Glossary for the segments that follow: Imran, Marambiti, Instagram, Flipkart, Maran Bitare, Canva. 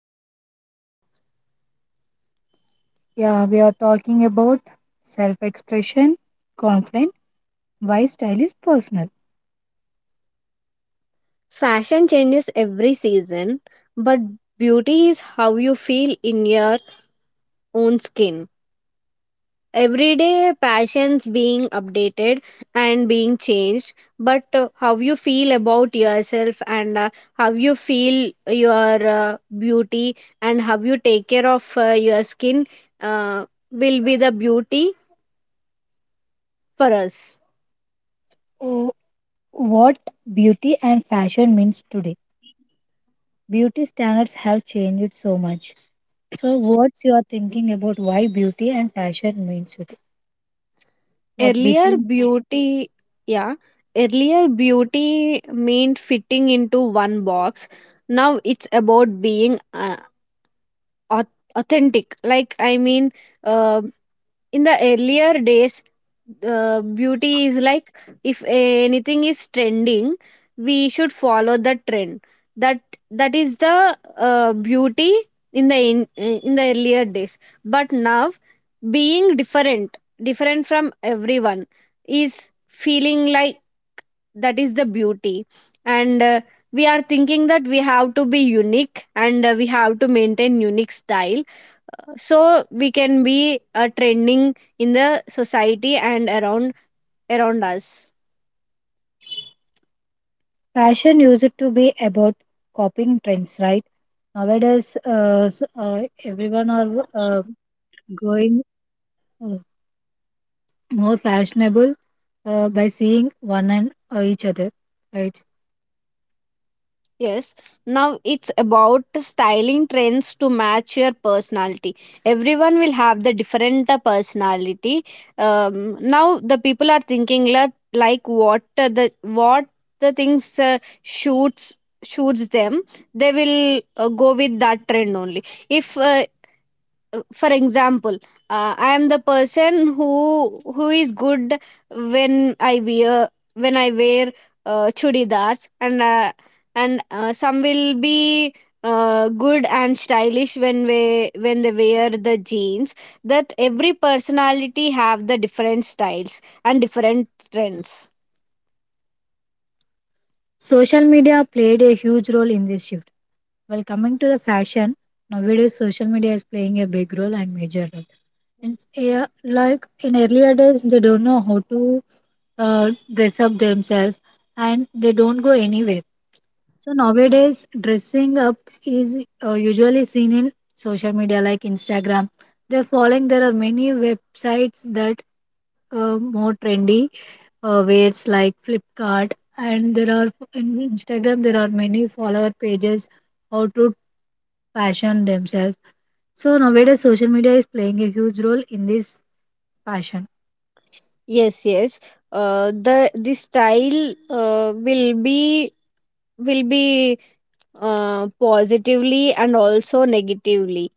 clothes and makeup. Yeah, we are talking about self expression, confidence, why style is personal. Fashion changes every season, but beauty is how you feel in your own skin. Everyday passions being updated and being changed, but how you feel about yourself, and how you feel your beauty, and how you take care of your skin will be the beauty for us. Oh, what beauty and fashion means today. Beauty standards have changed so much. So, what's your thinking about why beauty and fashion means today? What Earlier beauty? beauty, yeah, earlier beauty meant fitting into one box. Now it's about being au- authentic. Like i mean uh, in the earlier days, beauty is like, if anything is trending, we should follow the trend. That that is the beauty in the earlier days. But now, being different, different from everyone, is feeling like that is the beauty. And we are thinking that we have to be unique, and we have to maintain unique style, so we can be trending in the society and around us. Fashion used to be about copying trends, right? Nowadays, everyone are going uh, more fashionable, by seeing one and each other, right? Yes, now it's about styling trends to match your personality. Everyone will have the different personality. Now the people are thinking like what, the what the things shoots them, they will go with that trend only. If for example, I am the person who is good when I wear chudidars, and some will be good and stylish when we when they wear the jeans. That every personality have the different styles and different trends. Social media played a huge role in this shift. Well, coming to the fashion, nowadays social media is playing a big role and major role. And yeah, like in earlier days they don't know how to dress up themselves and they don't go anywhere. So nowadays, dressing up is usually seen in social media like Instagram. They're following, there are many websites that are more trendy wares like Flipkart, and there are in Instagram there are many follower pages how to fashion themselves. So nowadays social media is playing a huge role in this fashion. Yes, yes, the style uh, will be will be positively and also negatively.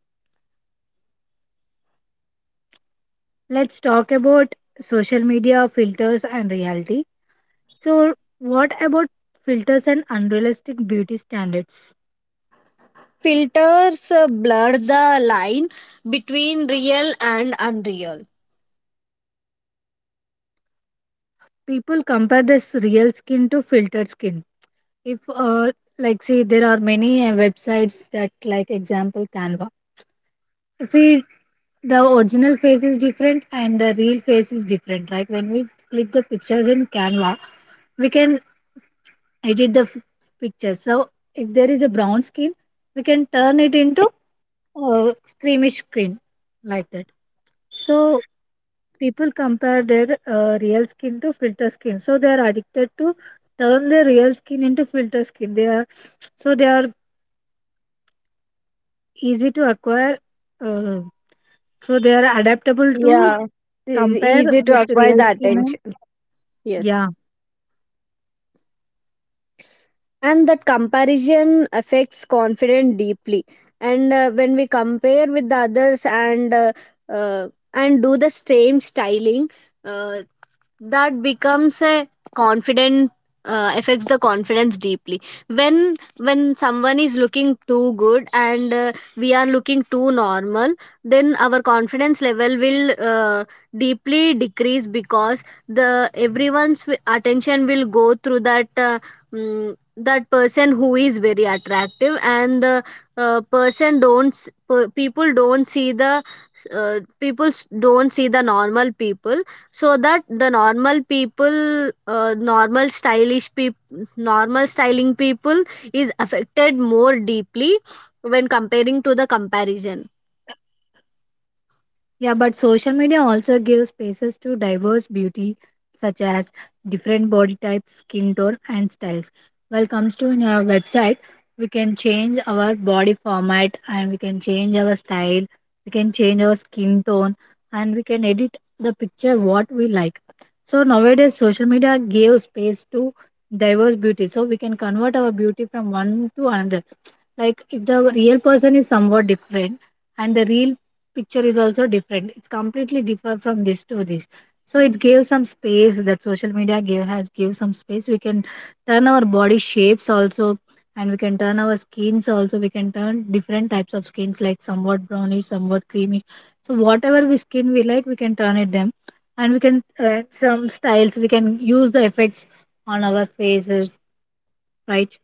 Let's talk about social media filters and reality. So what about filters and unrealistic beauty standards? Filters blur the line between real and unreal. People compare this real skin to filtered skin. If like see there are many websites that, like example Canva, if we the original face is different and the real face is different, like when we click the pictures in Canva, we can edit the picture. So if there is a brown skin, we can turn it into a creamish skin, like that. So people compare their real skin to filter skin, so they are addicted to turn their real skin into filter skin. They are, so they are easy to acquire, uh, so they are adaptable to Yeah, it's compare easy to with acquire real the skin. And attention. yeah. Yes. And that comparison affects confidence deeply. And when we compare with the others, and do the same styling, uh, that becomes a confident, affects the confidence deeply. When someone is looking too good and we are looking too normal, then our confidence level will deeply decrease, because the everyone's attention will go through that, that person who is very attractive. And the person don't, people don't see the, don't see the normal people. So that the normal people, normal stylish people, normal styling people, is affected more deeply when comparing to the comparison. Yeah, but social media also gives spaces to diverse beauty, such as different body types, skin tone, and styles. While comes to in our website, we can change our body format and we can change our style, we can change our skin tone, and we can edit the picture what we like. So nowadays, social media gave space to diverse beauty, so we can convert our beauty from one to another. Like if the real person is somewhat different and the real picture is also different. It's completely different from this to this. So it gave some space that social media gave has gave some space. We can turn our body shapes also, and we can turn our skins also. We can turn different types of skins like somewhat brownish, somewhat creamy. So whatever we skin we like, we can turn it them, and we can some styles. We can use the effects on our faces, right?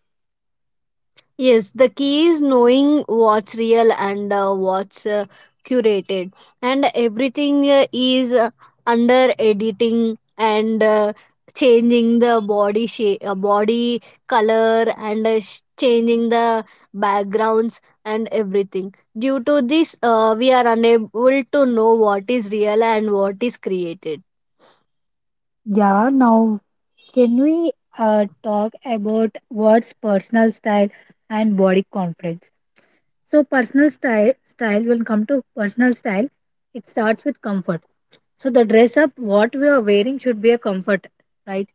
Yes, the key is knowing what's real and what's curated. And everything is under editing and changing the body shape, body color, and changing the backgrounds and everything. Due to this, we are unable to know what is real and what is created. Yeah, now, can we talk about what's personal style and body confidence? So, personal style, style when come to personal style, it starts with comfort. So, the dress up what we are wearing should be a comfort, right?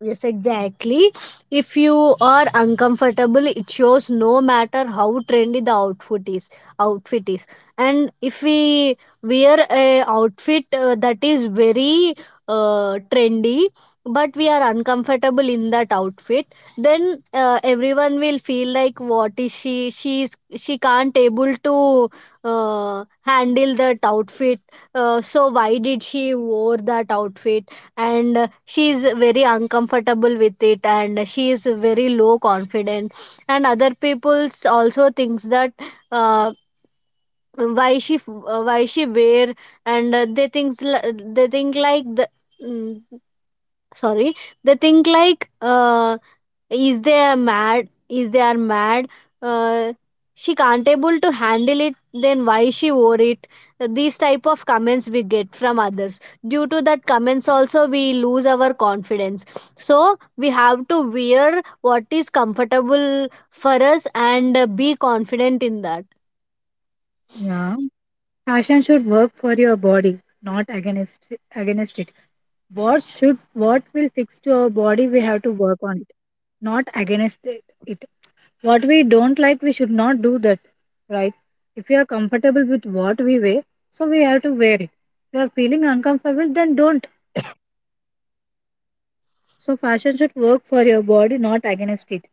Yes, exactly. If you are uncomfortable, it shows no matter how trendy the outfit is. Outfit is, and if we wear a outfit that is very trendy, but we are uncomfortable in that outfit, then everyone will feel like, what is she? She is, she can't able to handle that outfit. So why did she wore that outfit? And she is very uncomfortable with it, and she is very low confidence, and other people's also thinks that, uh, why why she wear. And they think like the, mm, sorry, they think like, is they are mad, uh, she can't able to handle it, then why she wore it. These type of comments we get from others. Due to that comments also, we lose our confidence. So we have to wear what is comfortable for us and be confident in that. Yeah. Fashion should work for your body, not against it. What should what will fix to our body? We have to work on it, not against it. What we don't like, we should not do that, right? If we are comfortable with what we wear, so we have to wear it. If you are feeling uncomfortable, then don't. So, fashion should work for your body, not against it.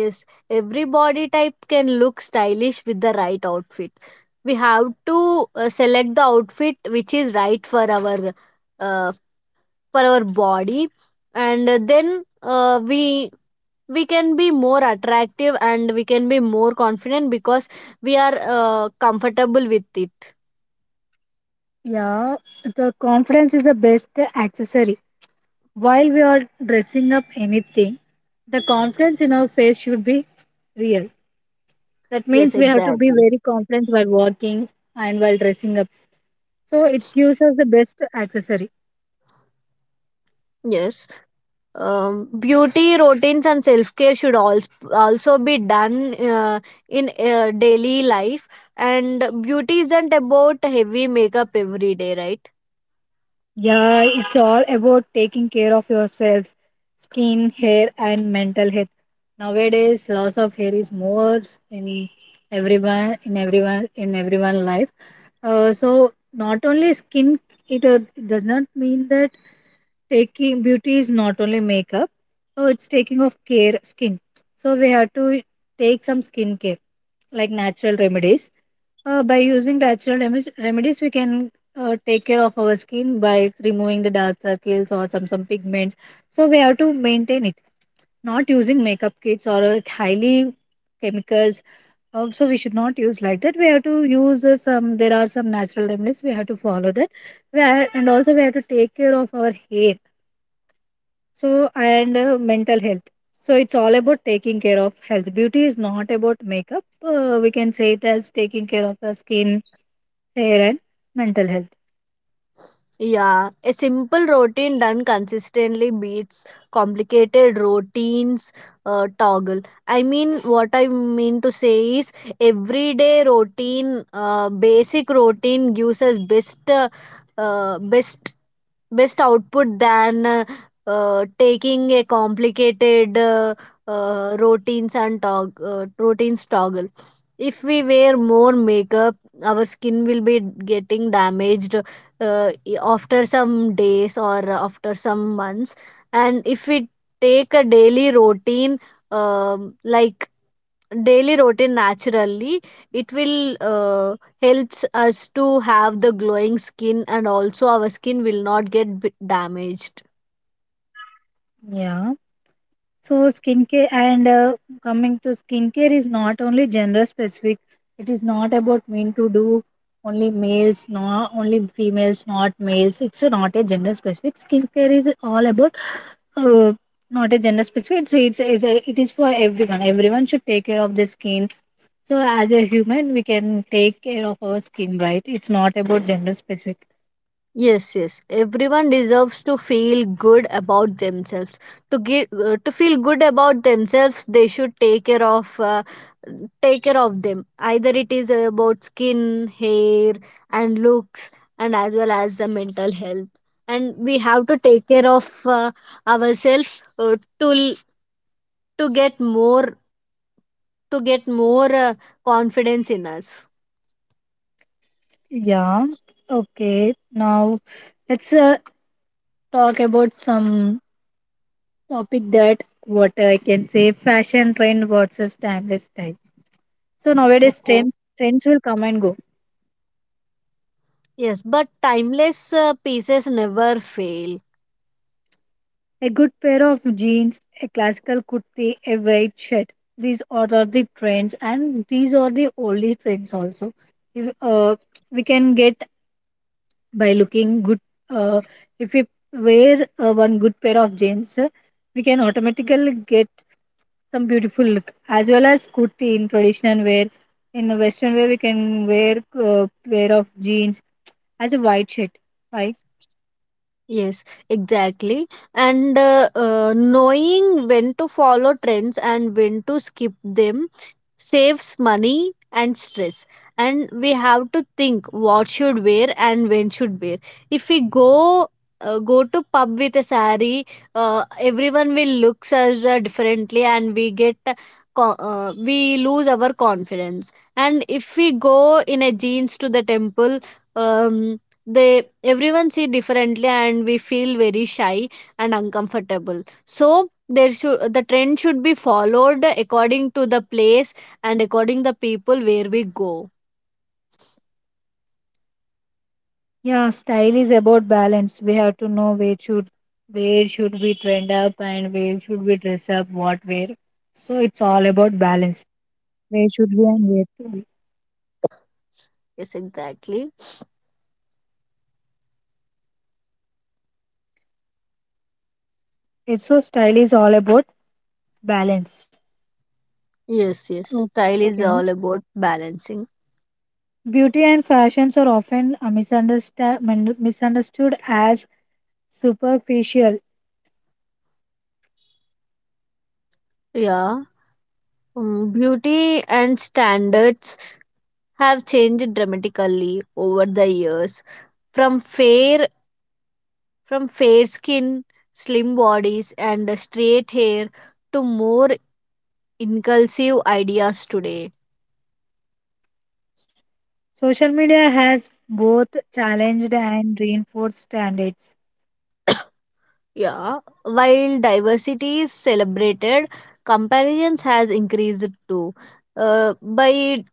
Yes, every body type can look stylish with the right outfit. We have to select the outfit which is right for our uh, body, and then we can be more attractive, and we can be more confident because we are comfortable with it. Yeah, the confidence is the best accessory. While we are dressing up anything, the confidence in our face should be real. That Yes, means we have to be exactly. very confident while walking and while dressing up. So, it gives us the best accessory. Yes. Beauty routines and self care should also be done uh, in daily life. And beauty isn't about heavy makeup every day, right? Yeah, it's all about taking care of yourself, skin, hair, and mental health. Nowadays, loss of hair is more in in everyone life. So not only skin, it, does not mean that taking beauty is not only makeup. So it's taking of care skin. So we have to take some skin care like natural remedies, by using natural remedies, we can take care of our skin by removing the dark circles or some pigments. So we have to maintain it. Not using makeup kits or highly chemicals. So we should not use like that. We have to use some. There are some natural remedies. We have to follow that. We are, and also we have to take care of our hair. So and mental health. So it's all about taking care of health. Beauty is not about makeup. We can say it as taking care of our skin, hair, and mental health. Yeah, a simple routine done consistently beats complicated routines toggle. I mean, what I mean to say is, everyday routine, basic routine gives us best, uh, best best output than taking a complicated routines and routines toggle. If we wear more makeup, our skin will be getting damaged, after some days or after some months. And if we take a daily routine, like daily routine naturally, it will helps us to have the glowing skin, and also our skin will not get damaged. Yeah. So skincare and coming to skincare is not only gender specific. It is not about mean to do only males, not only females, not males. It's not a gender specific. Skincare is all about uh, not a gender specific. It is for everyone. Everyone should take care of their skin. So as a human, we can take care of our skin, right? It's not about gender specific. Yes, yes, everyone deserves to feel good about themselves. To get to feel good about themselves, they should take care of them, either it is about skin, hair, and looks, and as well as the mental health. And we have to take care of ourselves to, get more, to get more uh, confidence in us. Yeah. Okay. Now let's talk about some topic that what I can say fashion trend versus timeless style. So nowadays Okay. trends will come and go. Yes, but timeless pieces never fail. A good pair of jeans, a classical kurti, a white shirt. These are the trends and these are the only trends also. If, we can get by looking good, uh, if we wear one good pair of jeans, we can automatically get some beautiful look, as well as kurti in traditional wear. In the western wear, we can wear uh, pair of jeans as a white shirt, right? Yes, exactly. And knowing when to follow trends and when to skip them saves money and stress. And we have to think what should wear and when should wear. If we go to pub with a sari, everyone will looks us differently, and we get we lose our confidence. And if we go in a jeans to the temple. Um, they everyone see differently, and we feel very shy and uncomfortable. So there should, the trend should be followed according to the place, and according the people where we go. Yeah, style is about balance. We have to know where should we trend up and where should we dress up what wear. So it's all about balance. Where should we and where to be. Yes, exactly. It's so style is all about balance. Yes, yes, style is Okay, all about balancing. beauty and fashions are often misunderstood as superficial. Yeah. Beauty and standards have changed dramatically over the years, from fair, from fair skin, slim bodies, and straight hair, to more inclusive ideas today. Social media has both challenged and reinforced standards. Yeah, while diversity is celebrated, comparisons has increased too. Uh, by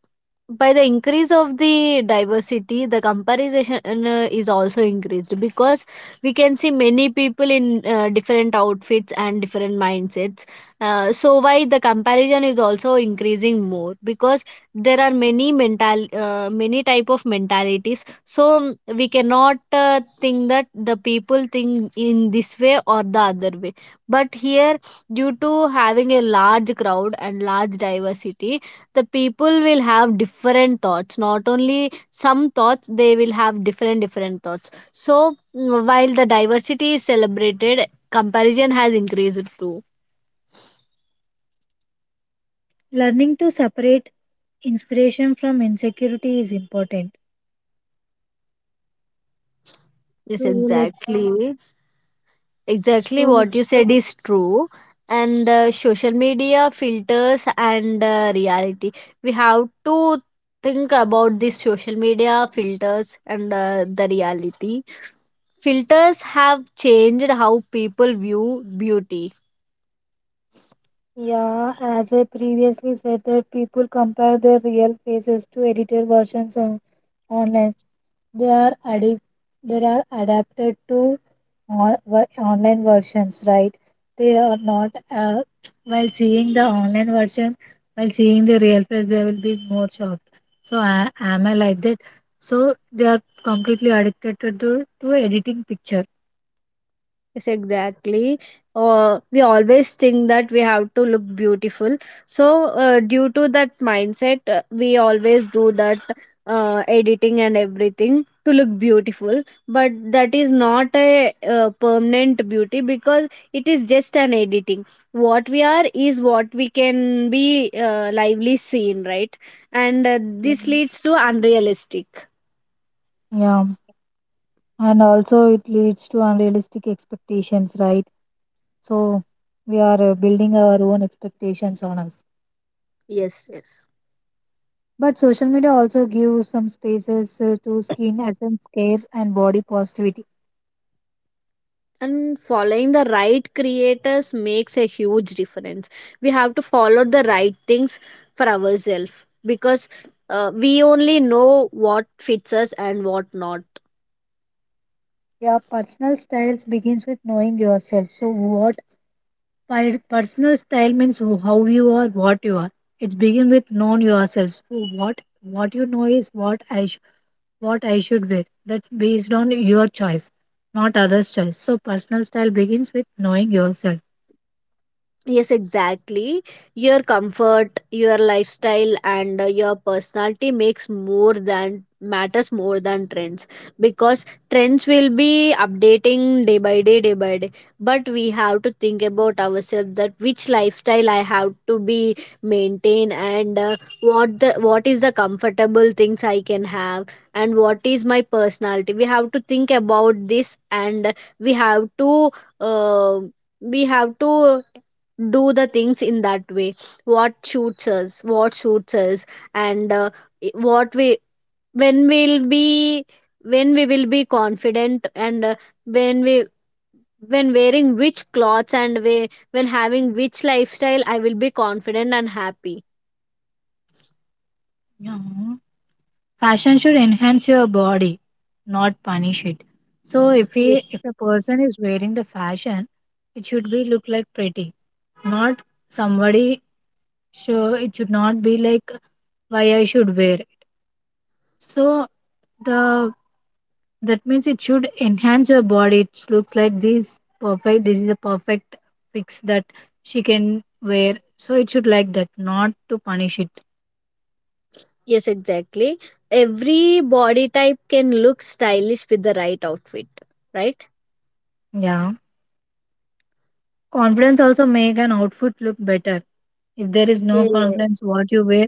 by the increase of the diversity, the comparison is also increased, because we can see many people in different outfits and different mindsets. So why the comparison is also increasing more, because there are many mental, many type of mentalities. So we cannot think that the people think in this way or the other way. But here, due to having a large crowd and large diversity, the people will have different thoughts, not only some thoughts, they will have different different thoughts. So, while the diversity is celebrated, comparison has increased too. Learning to separate inspiration from insecurity is important. Yes, So let's exactly. Exactly talk. what you said is true. And social media filters and reality, we have to think about these social media filters and the reality. Filters have changed how people view beauty. Yeah, as I previously said, that people compare their real faces to edited versions on online. They are addic- they are adapted to online versions, right? They are not while seeing the online version, while seeing the real face, they will be more shocked. So am I like that? So they are completely addicted to editing picture. Yes, exactly. We always think that we have to look beautiful. So, due to that mindset, we always do that editing and everything to look beautiful. But that is not a permanent beauty, because it is just an editing. What we are is what we can be lively seen, right? And Yeah. this leads to unrealistic. Yeah, and also it leads to unrealistic expectations, right? So we are building our own expectations on us. Yes, yes. But social media also gives some spaces to skin essence care and body positivity. And following the right creators makes a huge difference. We have to follow the right things for ourselves, because we only know what fits us and what not. Your personal styles begins with knowing yourself. So what personal style means how you are, what you are. It begins with knowing yourself. So what you know is what I should wear. That's based on your choice, not others' choice. So personal style begins with knowing yourself. Yes, exactly. Your comfort, your lifestyle, and your personality makes more than, matters more than trends, because trends will be updating day by day, day by day. But we have to think about ourselves, that which lifestyle I have to be maintain, and what the, what is the comfortable things I can have, and what is my personality. We have to think about this, and we have to. Uh, we have to do the things in that way, what suits us, and what we, when we'll be, when we will be confident, and when we, when wearing which clothes, and we, when having which lifestyle, I will be confident and happy. Yeah. Fashion should enhance your body, not punish it. So Yes, if a person is wearing the fashion, it should be look like pretty, not somebody. So it should not be like, why I should wear it. So the that means it should enhance your body. It looks like this perfect. This is a perfect fix that she can wear. So it should like that, not to punish it. yes, exactly. Every body type can look stylish with the right outfit, right? Yeah, confidence Yes. also make an outfit look better. If there is no Yeah. confidence, what you wear,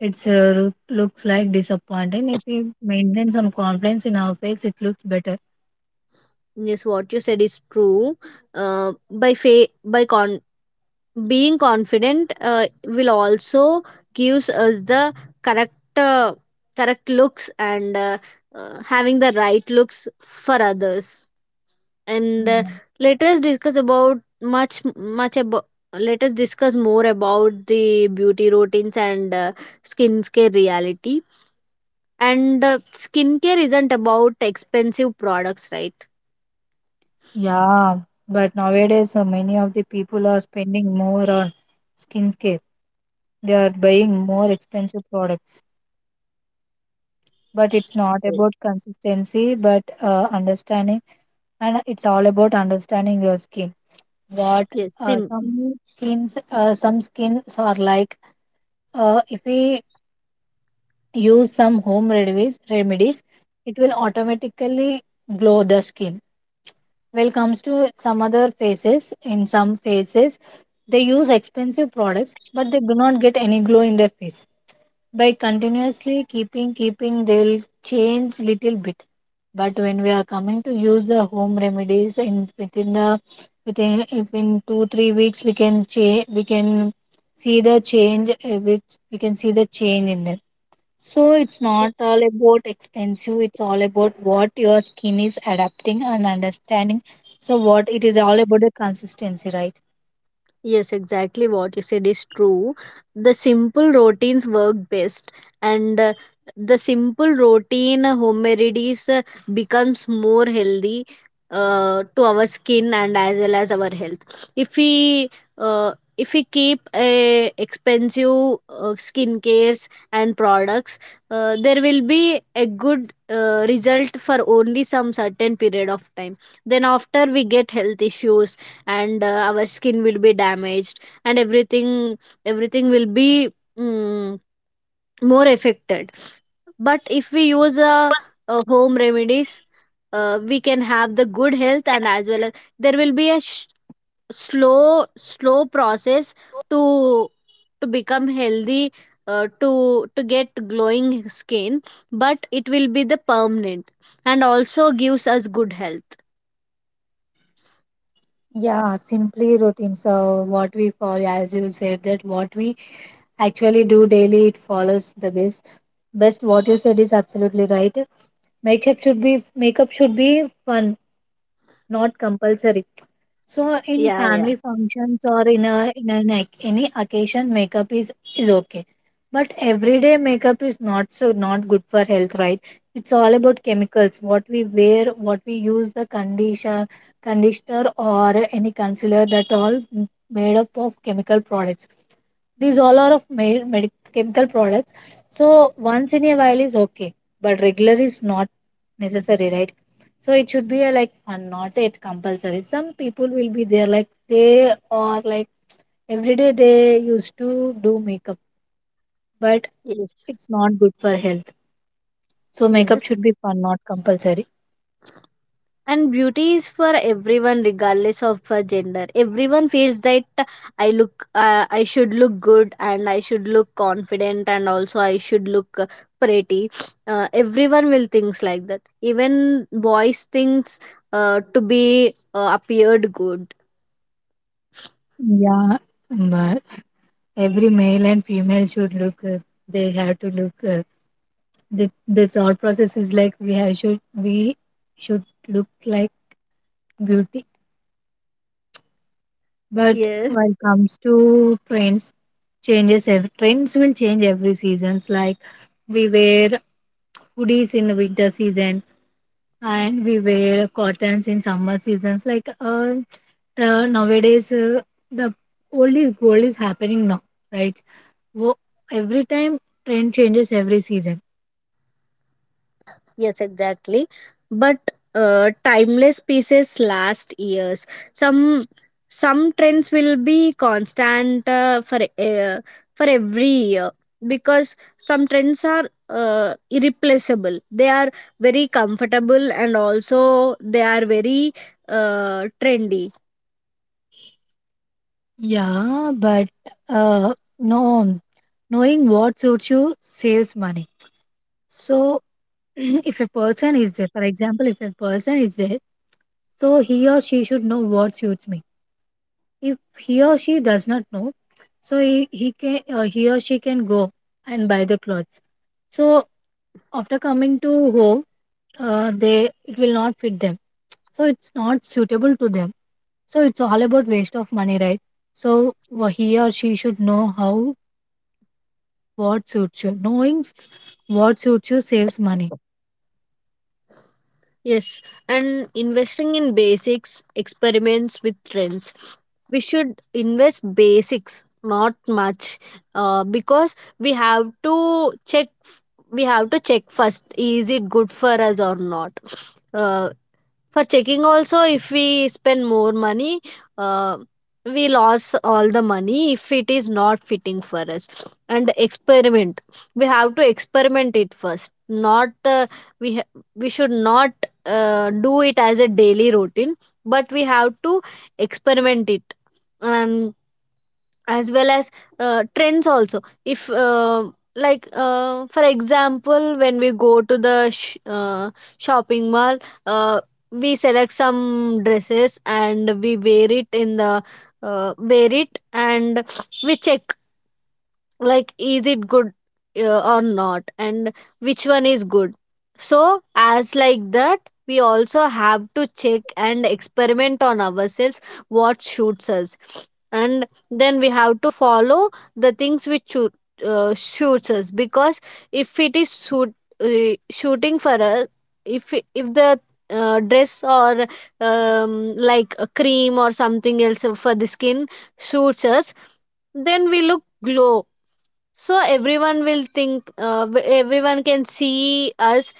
it's looks like disappointing. If we maintain some confidence in our face, it looks better. Yes, what you said is true. By fa- by con Being confident will also gives us the correct, correct looks, and having the right looks for others, and Mm. let us discuss about much much about, let us discuss more about the beauty routines, and skincare reality. And skincare isn't about expensive products, right? Yeah, but nowadays many of the people are spending more on skincare. They are buying more expensive products. But it's not about consistency, but understanding, and it's all about understanding your skin. What Yes, Sim. some skins are like. If we use some home remedies, it will automatically glow the skin. Well comes to some other faces, in some faces they use expensive products, but they do not get any glow in their face. By continuously keeping they will change little bit. But when we are coming to use the home remedies, in within the within, if in 2-3 weeks we can change, we can see the change, which we can see the change in them. So it's not all about expensive, it's all about what your skin is adapting and understanding. So what it is all about the consistency, right? Yes, exactly what you said is true. The simple routines work best, and the simple routine home remedies becomes more healthy to our skin and as well as our health. If we keep expensive skin cares and products, there will be a good result for only some certain period of time. Then after we get health issues and our skin will be damaged and everything will be mm, more affected. But if we use home remedies, we can have the good health, and as well as there will be a slow process to become healthy, to get glowing skin, but it will be the permanent and also gives us good health. Yeah, simply routines. So what we follow, as you said, that what we actually do daily, it follows the best. Best, what you said is absolutely right. Makeup should be fun, not compulsory. So in Yeah, yeah. family functions or in any occasion, makeup is okay. But everyday makeup is not so not good for health, right? It's all about chemicals. What we wear, what we use, the conditioner or any concealer, made up of chemical products. These all are of made medic chemical products. So once in a while is okay, but regular is not necessary, right? So it should be a, like, fun, not it compulsory. Some people will be there, like, they are like every day they used to do makeup, but Yes, it's not good for health. So makeup yes. should be fun, not compulsory. And beauty is for everyone regardless of gender. Everyone feels that I look, I should look good and I should look confident, and also I should look pretty. Everyone will thinks like that. Even boys thinks to be appeared good. Yeah, but every male and female should look. They have to look. The thought process is like we have should we should look like beauty. But Yes. when it comes to trends, changes. Every, trends will change every seasons. Like, we wear hoodies in the winter season and we wear cottons in summer seasons. Nowadays, the old is gold is happening now, right? Wo- every time trend changes every season. Yes, exactly. But timeless pieces last years. Some some trends will be constant uh, for every year, because some trends are irreplaceable. They are very comfortable and also they are very trendy. Yeah, but uh, no, knowing what suits you saves money. So if a person is there, for example, if a person is there, so he or she should know what suits me. If he or she does not know, so he can he or she can go and buy the clothes. So after coming to home, they, it will not fit them, so it's not suitable to them. So it's all about waste of money, right? So he or she should know how what suits you, knowing what suits you saves money. Yes, and investing in basics experiments with trends. We should invest basics, not much, because we have to check. We have to check first: is it good for us or not? Uh, for checking also, if we spend more money, uh, we lost all the money if it is not fitting for us. And experiment, we have to experiment it first, not uh, we should not do it as a daily routine, but we have to experiment it. And as well as trends also, if like, for example, when we go to the shopping mall, uh, we select some dresses and we wear it in the wear it, and we check like is it good or not, and which one is good. So as like that, we also have to check and experiment on ourselves what suits us, and then we have to follow the things which shoot, suits us. Because if it is shoot, shooting for us, if the dress or like a cream or something else for the skin suits us, then we look glow. So everyone will think everyone can see us,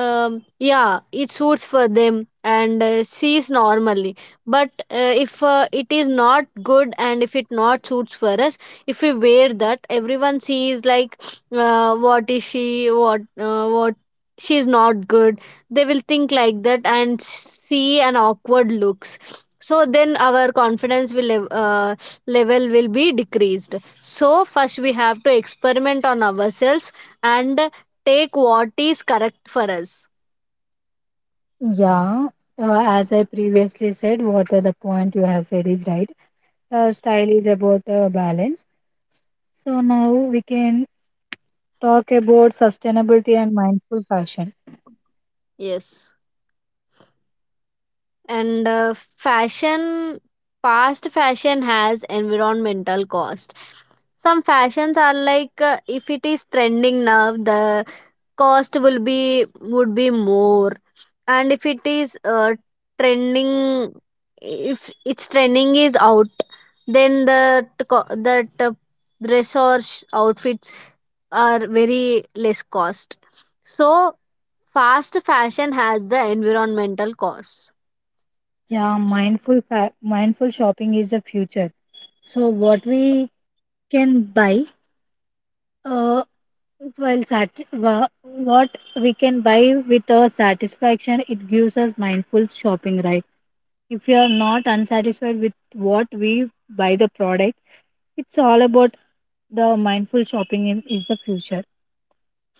yeah, it suits for them and sees normally. But if it is not good, and if it not suits for us, if we wear that, everyone sees like what is she, what, she is not good. They will think like that and see an awkward looks. So then our confidence will level will be decreased. So first we have to experiment on ourselves and take what is correct for us. Yeah, as I previously said, what are the point you have said is right. Style is about balance. So now we can talk about sustainability and mindful fashion. Yes. And fashion, past fashion has environmental cost. Some fashions are like, if it is trending now, the cost will be would be more. And if it is trending, if its trending is out, then the that dress or outfits are very less cost. So fast fashion has the environmental costs. Yeah, mindful shopping is the future. So what we can buy, uh, while sat- wha- what we can buy with our satisfaction, it gives us mindful shopping, right? If you are not unsatisfied with what we buy the product, it's all about the mindful shopping in, is the future.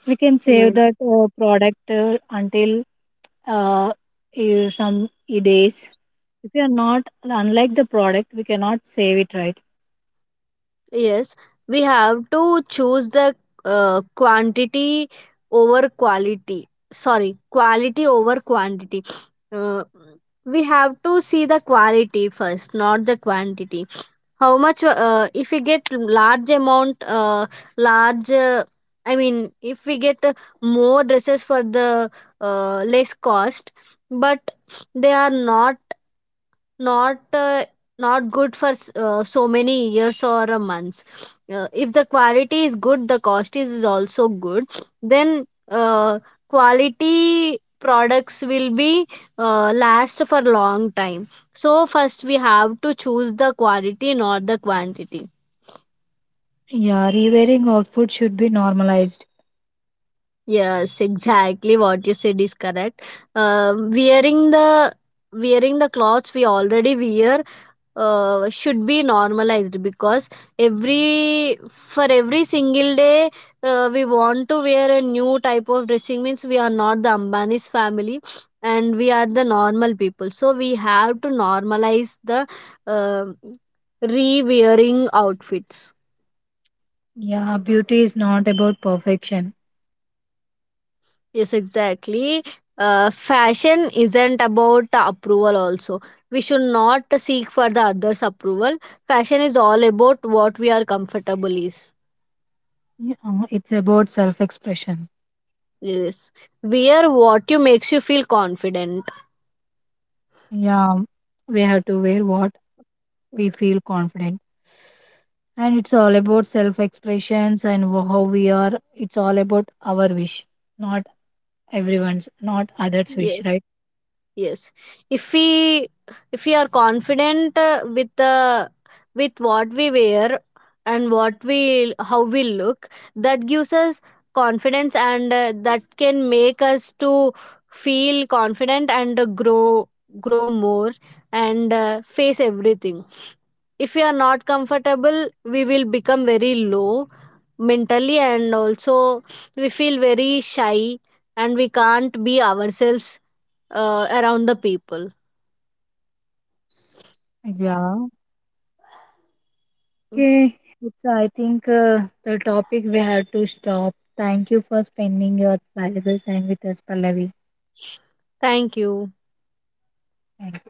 We can save Yes. that product until uh, some days. If you are not, unlike the product, we cannot save it, right? Yes, we have to choose the quantity over quality sorry quality over quantity. uh, we have to see the quality first, not the quantity. How much, if we get large amount, large I mean if we get more dresses for the less cost, but they are not not uh, not good for so many years or a months. If the quality is good, the cost is also good, then uh, quality products will be last for long time. So first we have to choose the quality, not the quantity. Yeah, rewearing outfit should be normalized. Yes, exactly, what you said is correct. uh, wearing the Wearing the clothes we already wear should be normalized, because every, for every single day we want to wear a new type of dressing means we are not the Ambani's family, and we are the normal people, so we have to normalize the uh, re-wearing outfits. Yeah, beauty is not about perfection. Yes, exactly. Fashion isn't about the approval also. We should not seek for the others approval. Fashion is all about what we are comfortable is. Yeah, it's about self expression. Yes. Wear what you makes you feel confident. Yeah, we have to wear what we feel confident. And it's all about self expressions and how we are. It's all about our wish, not everyone's, not others' wish, Yes. right? Yes. If we, if we are confident with the, with what we wear and what we, how we look, that gives us confidence, and that can make us to feel confident and grow, grow more, and face everything. If we are not comfortable, we will become very low mentally, and also we feel very shy, and we can't be ourselves around the people. Yeah. Okay, so I think the topic we had to stop. Thank you for spending your valuable time with us, Pallavi. Thank you. Thank